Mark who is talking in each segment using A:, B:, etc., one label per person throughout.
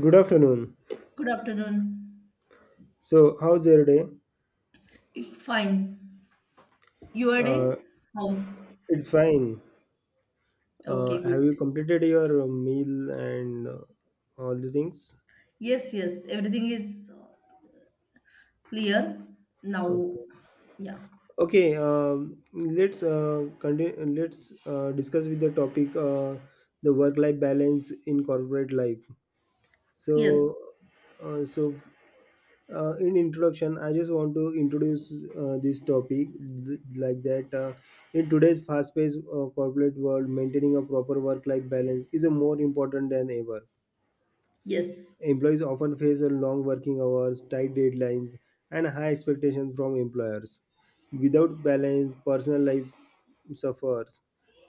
A: Good afternoon.
B: Good afternoon.
A: So, how's your day?
B: It's fine. Your day?
A: Uh,
B: House.
A: it's fine.
B: Okay,
A: Have
B: good.
A: you completed your meal and all the things?
B: Yes, yes. Everything is clear now.
A: Okay.
B: Yeah.
A: Okay. Let's continue. Let's discuss with the topic the work-life balance in corporate life.
B: Yes.
A: So, uh, so in introduction I just want to introduce this topic like that in today's fast-paced corporate world, maintaining a proper work-life balance is a more important than ever.
B: Yes.
A: Employees often face a long working hours, tight deadlines, and high expectations from employers. Without balance, personal life suffers,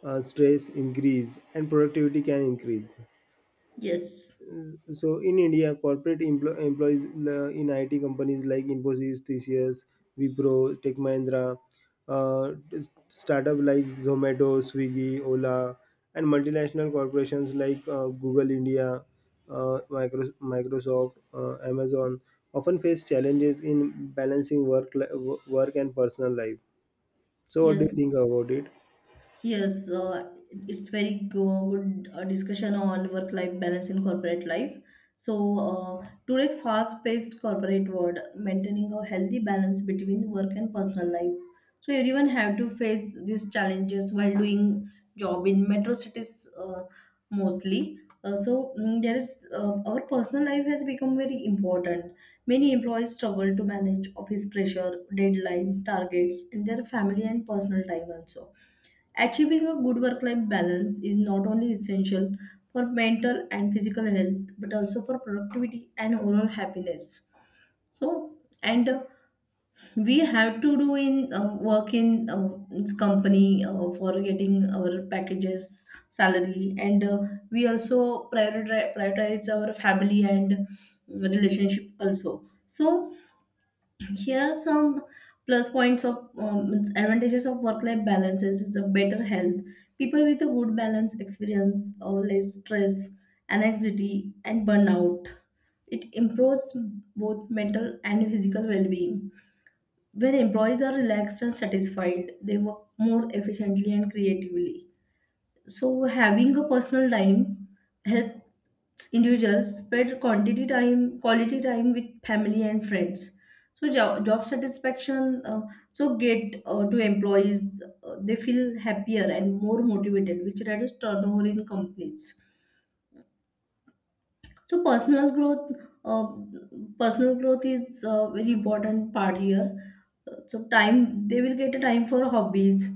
A: stress increase, and productivity can increase.
B: Yes.
A: So in India, corporate employees in IT companies like Infosys, TCS, Wipro, Tech Mahindra, startup like Zomato, Swiggy, Ola, and multinational corporations like Google India, Microsoft, Amazon often face challenges in balancing work and personal life. So what do you
B: Yes.
A: think about it?
B: Yes, it's very good discussion on work-life balance in corporate life. So, today's fast-paced corporate world, maintaining a healthy balance between work and personal life. So, everyone have to face these challenges while doing job in metro cities mostly. So, mm, there is Our personal life has become very important. Many employees struggle to manage office pressure, deadlines, targets, and their family and personal time also. Achieving a good work life balance is not only essential for mental and physical health but also for productivity and overall happiness. So, and we have to do in work in this company for getting our packages, salary, and we also prioritize our family and relationship also. So, here are some plus points of means advantages of work-life balances is a better health. People with a good balance experience or less stress, anxiety, and burnout. It improves both mental and physical well-being. When employees are relaxed and satisfied, they work more efficiently and creatively. So having a personal time helps individuals spread quantity time, quality time with family and friends. So job satisfaction, so get to employees they feel happier and more motivated, which reduces turnover in companies. So uh, personal growth is a very important part here. So time they will get a time for hobbies,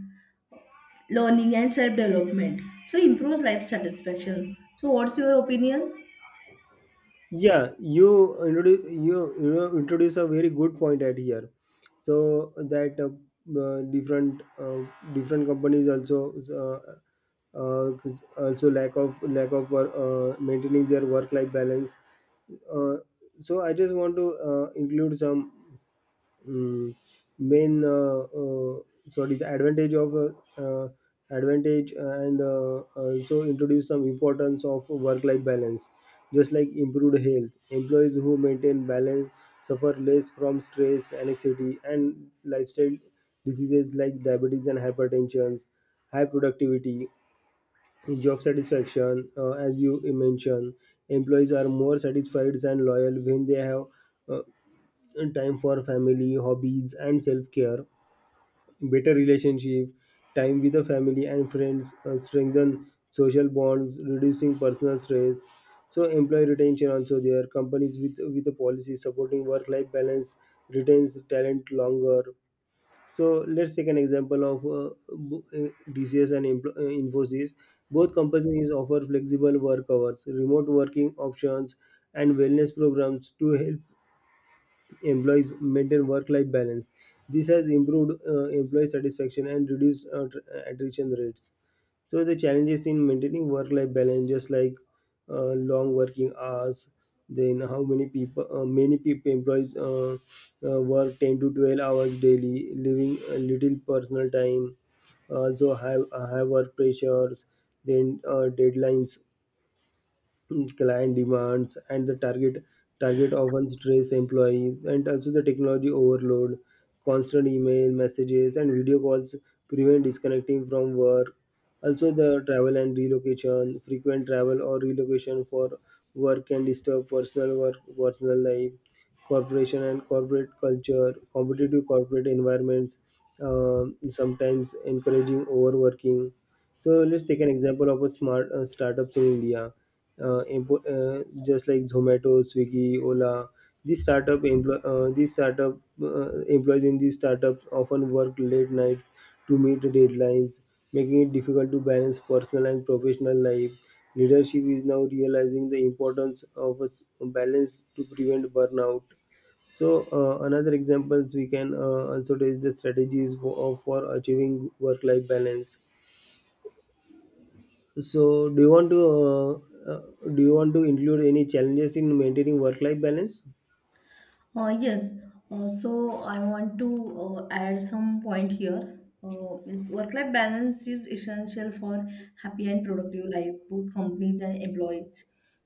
B: learning and self development, so improves life satisfaction. So what's your opinion?
A: Yeah, you introduce a very good point at here. So that different different companies also uh, uh, also lack of maintaining their work life balance. Uh, so I just want to include some mm, main sorry, the advantage of uh, advantage and also introduce some importance of work life balance, just like improved health. Employees who maintain balance suffer less from stress, anxiety, and lifestyle diseases like diabetes and hypertension, high productivity, job satisfaction, as you mentioned, employees are more satisfied and loyal when they have uh, time for family, hobbies, and self care, better relationship, time with the family and friends, strengthen social bonds, reducing personal stress. So employee retention also there. Companies with a policy supporting work life balance retains talent longer. So let's take an example of DCS and Infosys. Both companies offer flexible work hours, remote working options, and wellness programs to help employees maintain work-life balance. This has improved employee satisfaction and reduced attrition rates. So the challenges in maintaining work-life balance, just like long working hours, then many people employees work 10 to 12 hours daily, leaving a little personal time. Also, high work pressures, then deadlines, client demands, and the target often stress employees, and also the technology overload, constant email messages and video calls prevent disconnecting from work, also the travel and relocation. Frequent travel or relocation for work can disturb personal life, corporation and corporate culture, competitive corporate environments sometimes encouraging overworking. So let's take an example of a smart startups in India, just like Zomato, Swiggy, Ola. These startup employees in these startups often work late nights to meet the deadlines, making it difficult to balance personal and professional life. Leadership is now realizing the importance of a balance to prevent burnout. So another examples we can also take the strategies for achieving work-life balance. So, do you want to do you want to include any challenges in maintaining work life balance?
B: Uh, yes, so I want to add some point here. Work-life balance is essential for happy and productive life. Both companies and employees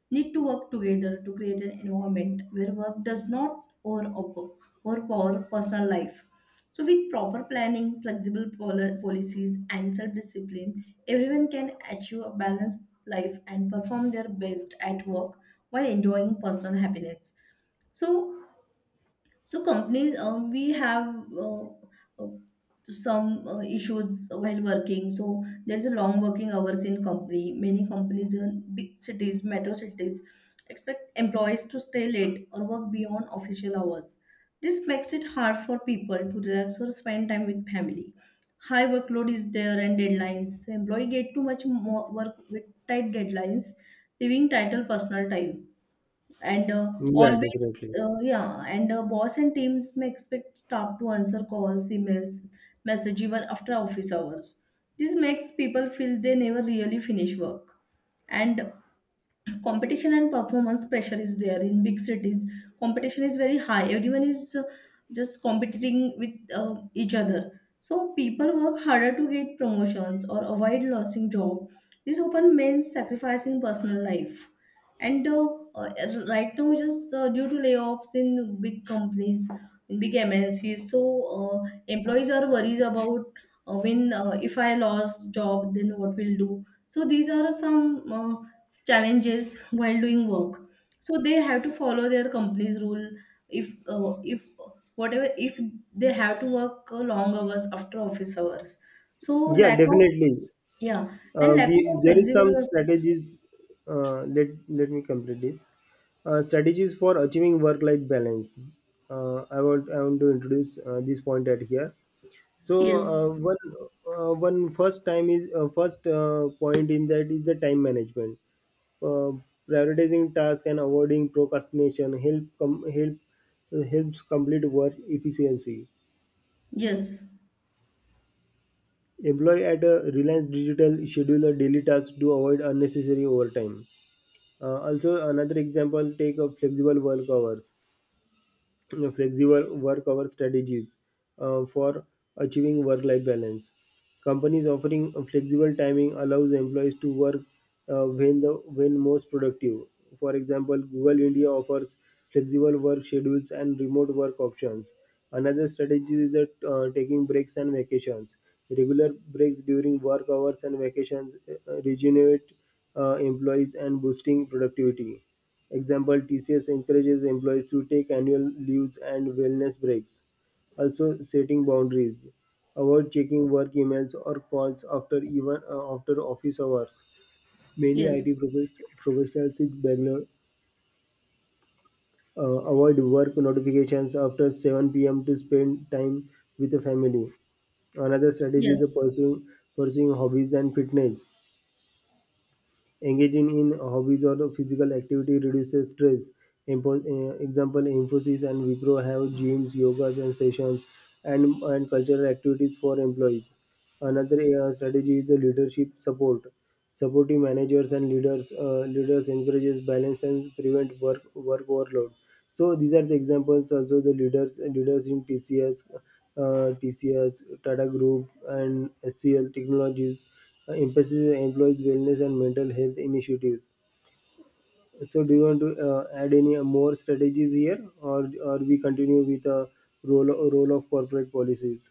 B: need to work together to create an environment where work does not overpower personal life. So, with proper planning, flexible policies, and self-discipline, everyone can achieve a balanced life and perform their best at work while enjoying personal happiness. So, so companies, we have uh, uh, some issues while working. So there's a long working hours in company. Many companies in big cities, metro cities, expect employees to stay late or work beyond official hours. This makes it hard for people to relax or spend time with family. High workload is there and deadlines. So employee get too much more work with tight deadlines, leaving title personal time and
A: Yeah,
B: always.
A: definitely.
B: Yeah, and boss and teams may expect staff to answer calls, emails, message even after office hours. This makes people feel they never really finish work. And competition and performance pressure is there in big cities. Competition is very high. Everyone is just competing with each other, so people work harder to get promotions or avoid losing job. This often means sacrificing personal life. And uh, right now, just due to layoffs in big companies, in big mncs. So uh, employees are worried about when if I lost job then what will do. So these are some uh, challenges while doing work. So they have to follow their company's rule. If uh, if whatever if they have to work long hours after office hours, so
A: Yeah,
B: lack of.
A: definitely.
B: Yeah, and lack
A: We,
B: of
A: there is some
B: flexible.
A: strategies. Let let me complete this. Strategies for achieving work-life balance. Uh, I want to introduce this point at here. So
B: Yes.
A: one first time is first point in that is the time management. Uh, prioritizing tasks and avoiding procrastination helps complete work efficiency.
B: Yes.
A: Employ at a Reliance Digital schedule a daily tasks to avoid unnecessary overtime. Also, another example, take a flexible work hours, you flexible work hour strategies for achieving work life balance. Companies offering a flexible timing allows employees to work uh, when most productive. For example, Google India offers flexible work schedules and remote work options. Another strategy is that taking breaks and vacations. Regular breaks during work hours and vacations regenerate employees and boosting productivity. Example, TCS encourages employees to take annual leaves and wellness breaks. Also, setting boundaries. Avoid checking work emails or calls after office hours. Many
B: Yes.
A: IT professionals in Bangalore avoid work notifications after 7 p.m. to spend time with the family. Another strategy
B: Yes.
A: is pursuing hobbies and fitness. Engaging in hobbies or physical activity reduces stress. Example, Infosys and Wipro have gyms, yoga and sessions, and cultural activities for employees. Another strategy is the leadership support. Supporting managers and leaders encourages balance and prevent work overload. So these are the examples. Also, the leaders in TCS, TCS, Tata Group, and SCL Technologies emphasizes employees' wellness and mental health initiatives. So, do you want to add any more strategies here, or we continue with a role of corporate policies?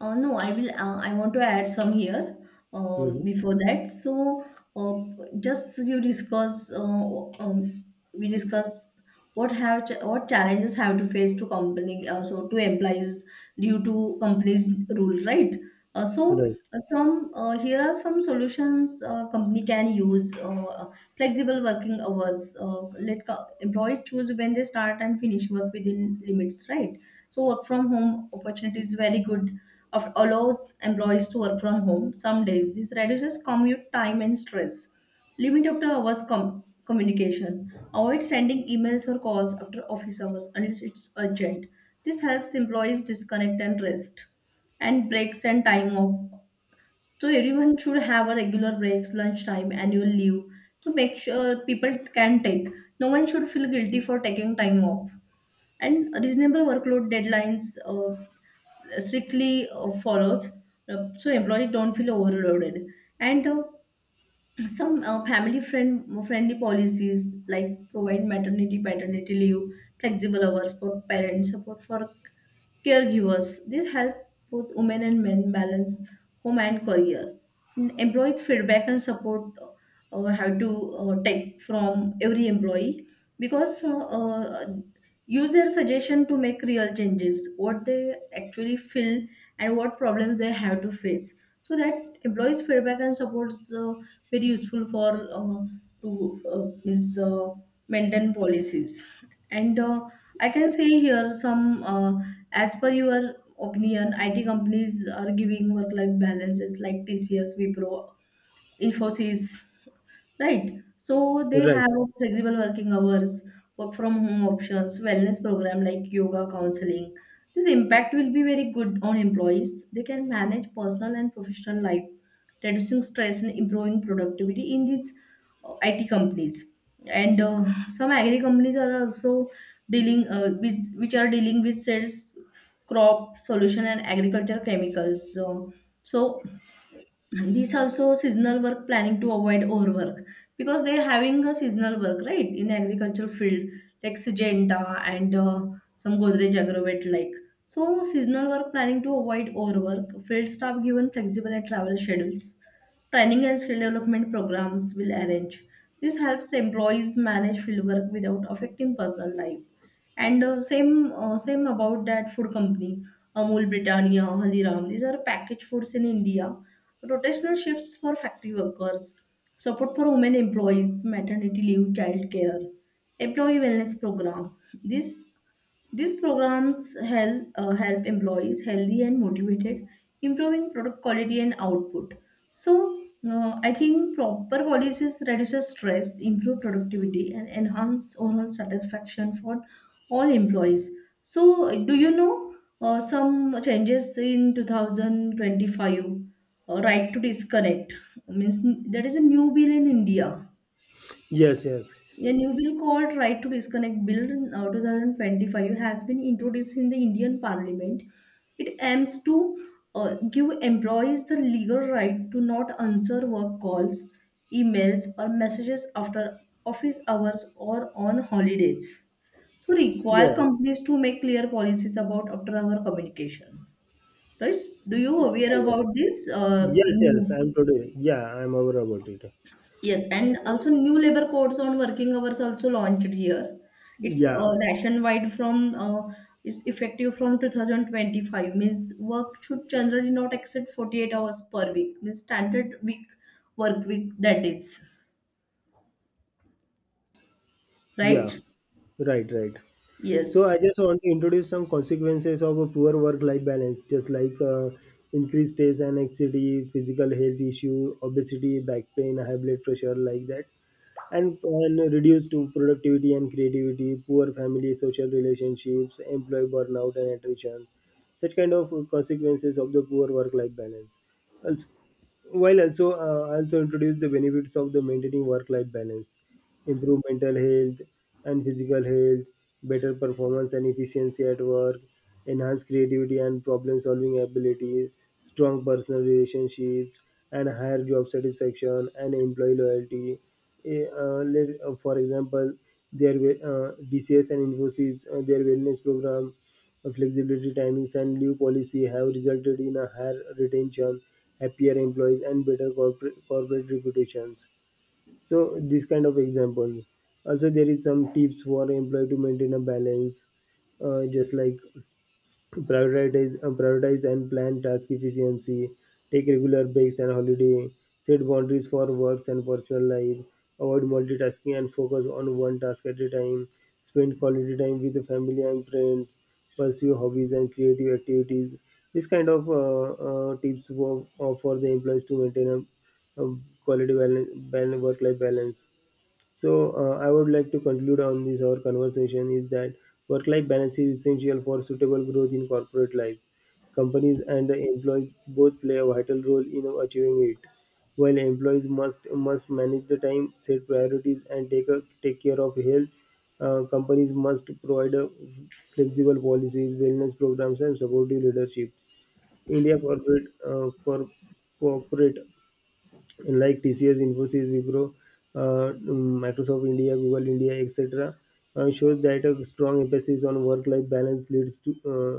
B: No, I will. I want to add some here
A: Hmm.
B: before that. So, just you discuss. We discuss what have what challenges have to face to company. So to employees due to companies rule, right? Uh, so
A: Right,
B: Some here are some solutions company can use flexible working hours. Let employees choose when they start and finish work within limits, right? So work from home opportunity is very good. Of allows employees to work from home some days. This reduces commute time and stress. Limit after hours communication. Avoid sending emails or calls after office hours unless it's urgent. This helps employees disconnect and rest. And breaks and time off, so everyone should have a regular breaks, lunchtime, annual leave to make sure people can take. No one should feel guilty for taking time off. And reasonable workload deadlines strictly follows, so employees don't feel overloaded. And some family friendly policies like provide maternity paternity leave, flexible hours for parents, support for caregivers. This help both women and men balance home and career. And employees feedback and support have to take from every employee, because use their suggestion to make real changes, what they actually feel and what problems they have to face. So that employees feedback and supports very useful for uh, to means maintain policies. And I can say here some, as per your opinion, IT companies are giving work-life balances like TCS, Wipro, Infosys, right? So they
A: right.
B: have flexible working hours, work from home options, wellness program like yoga, counseling. This impact will be very good on employees. They can manage personal and professional life, reducing stress and improving productivity in these IT companies. And some agri companies are also dealing with which are dealing with sales, crop solution, and agriculture chemicals. So so and these also seasonal work planning to avoid overwork, because they're having a seasonal work right in agricultural field, like Syngenta and some Godrej Agrovet, like. So seasonal work planning to avoid overwork, field staff given flexible and travel schedules, training and skill development programs will arrange. This helps employees manage field work without affecting personal life. And same about that food company, Amul, Britannia, Haldiram. These are packaged foods in India, rotational shifts for factory workers, support for women employees, maternity leave, child care, employee wellness program. This These programs help, help employees healthy and motivated, improving product quality and output. So, I think proper policies reduces stress, improve productivity, and enhance overall satisfaction for all employees. So, do you know some changes in 2025? Right to disconnect means there is a new bill in India,
A: Yes, yes,
B: a new bill called Right to Disconnect Bill 2025 has been introduced in the Indian Parliament. It aims to give employees the legal right to not answer work calls, emails, or messages after office hours or on holidays. So, require
A: yes.
B: companies to make clear policies about after-hour communication. Right? Do you aware about this
A: Yes, yes.
B: new?
A: I'm totally. Yeah, I'm aware about it.
B: Yes, and also new labor codes on working hours also launched here. It's
A: Yeah,
B: nationwide from is effective from 2025. Means work should generally not exceed 48 hours per week. Means standard week work week, that is
A: yeah.
B: right.
A: Right, right. So
B: Yes.
A: I just want to introduce some consequences of a poor work-life balance, just like increased stress and anxiety, physical health issue, obesity, back pain, high blood pressure, like that, and reduced to productivity and creativity, poor family, social relationships, employee burnout and attrition, such kind of consequences of the poor work-life balance. Also, while also also introduce the benefits of the maintaining work-life balance, improve mental health and physical health, better performance and efficiency at work, enhance creativity and problem solving abilities, strong personal relationships, and higher job satisfaction and employee loyalty. For example, DCS and Infosys, their wellness program, flexibility timings, and leave policy have resulted in a higher retention, happier employees, and better corporate reputations. So this kind of examples. Also, there is some tips for employee to maintain a balance, just like prioritize and plan task efficiency, take regular breaks and holiday, set boundaries for works and personal life, avoid multitasking and focus on one task at a time, spend quality time with the family and friends, pursue hobbies and creative activities. This kind of tips for the employees to maintain a quality balance, work life balance. So I would like to conclude on this our conversation is that work-life balance is essential for suitable growth in corporate life. Companies and the employees both play a vital role in achieving it. While employees must manage the time, set priorities, and take care of health, companies must provide a flexible policies, wellness programs, and supportive leadership. India corporate corporate like TCS, Infosys, Wipro, Microsoft India, Google India, etc., shows that a strong emphasis on work-life balance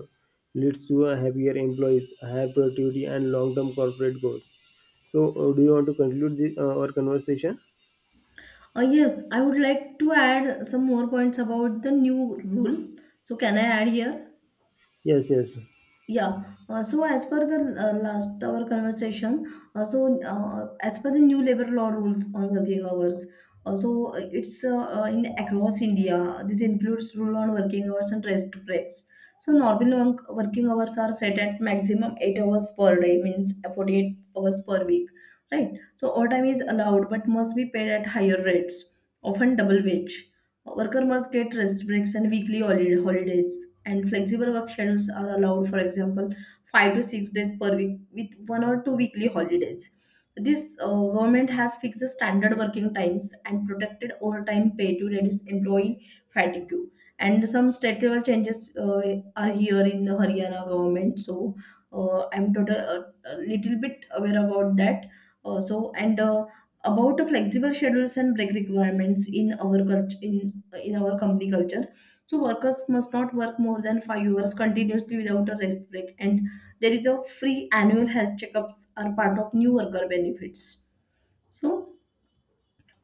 A: leads to a happier employees, higher productivity, and long-term corporate growth. So, do you want to conclude our conversation?
B: Yes, I would like to add some more points about the new rule. So can I add here?
A: Yes, yes,
B: Yeah. So as per the last our conversation, as per the new labor law rules on working hours, so it's in across India. This includes rule on working hours and rest breaks. So working hours are set at maximum 8 hours per day, means 48 hours per week, right? So overtime is allowed but must be paid at higher rates, often double wage. Worker must get rest breaks and weekly holidays. And flexible work schedules are allowed, for example, 5 to 6 days per week with one or two weekly holidays. This government has fixed the standard working times and protected overtime pay to reduce employee fatigue. And some structural changes are here in the Haryana government. So I'm total a little bit aware about that also. And about the flexible schedules and break requirements in our culture, in our company culture, so workers must not work more than 5 hours continuously without a rest break. And there is a free annual health checkups are part of new worker benefits. So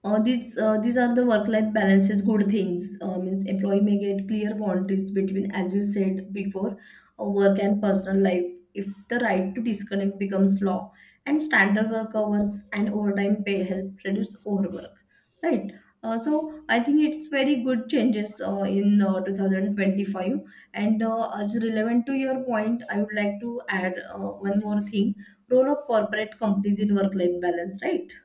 B: these are the work life balances good things, means employee may get clear boundaries between, as you said before, work and personal life, if the right to disconnect becomes law. And standard work hours and overtime pay help reduce overwork, right? So I think it's very good changes in 2025. And as relevant to your point, I would like to add one more thing, role of corporate companies in work life balance, right?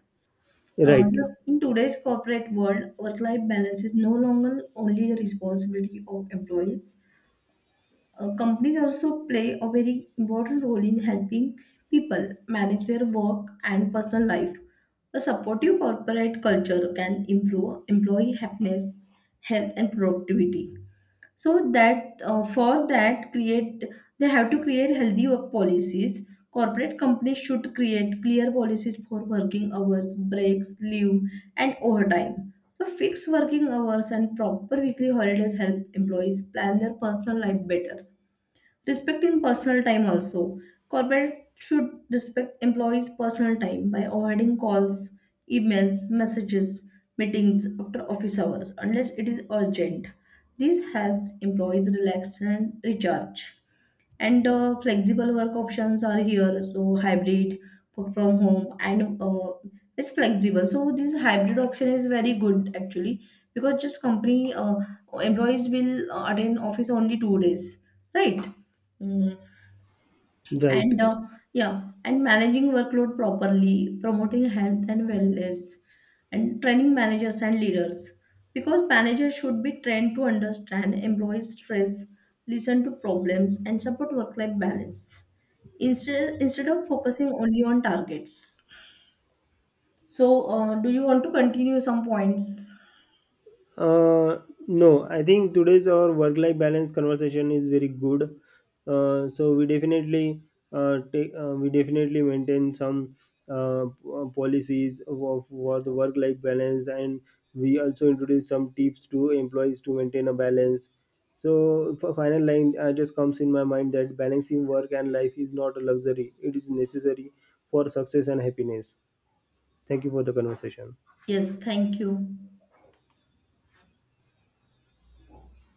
B: uh,
A: right,
B: so in today's corporate world, work-life balance is no longer only the responsibility of employees. Companies also play a very important role in helping people manage their work and personal life. A supportive corporate culture can improve employee happiness, health, and productivity. So that, for that create, they have to create healthy work policies. Corporate companies should create clear policies for working hours, breaks, leave, and overtime. So fixed working hours and proper weekly holidays help employees plan their personal life better. Respecting personal time also. Corporate should respect employees' personal time by avoiding calls, emails, messages, meetings after office hours unless it is urgent. This helps employees relax and recharge. And flexible work options are here, so hybrid, work from home, and it's flexible. So this hybrid option is very good actually, because just company employees will attend office only 2 days, right? Mm.
A: right.
B: And yeah, and managing workload properly, promoting health and wellness, and training managers and leaders. Because managers should be trained to understand employees' stress, listen to problems, and support work-life balance instead of focusing only on targets. So, do you want to continue some points?
A: Uh, no, I think today's our work life balance conversation is very good. So we definitely take we definitely maintain some policies of for the work life balance, and we also introduce some tips to employees to maintain a balance. So for final line, just comes in my mind that balancing work and life is not a luxury; it is necessary for success and happiness. Thank you for the conversation.
B: Yes, thank you.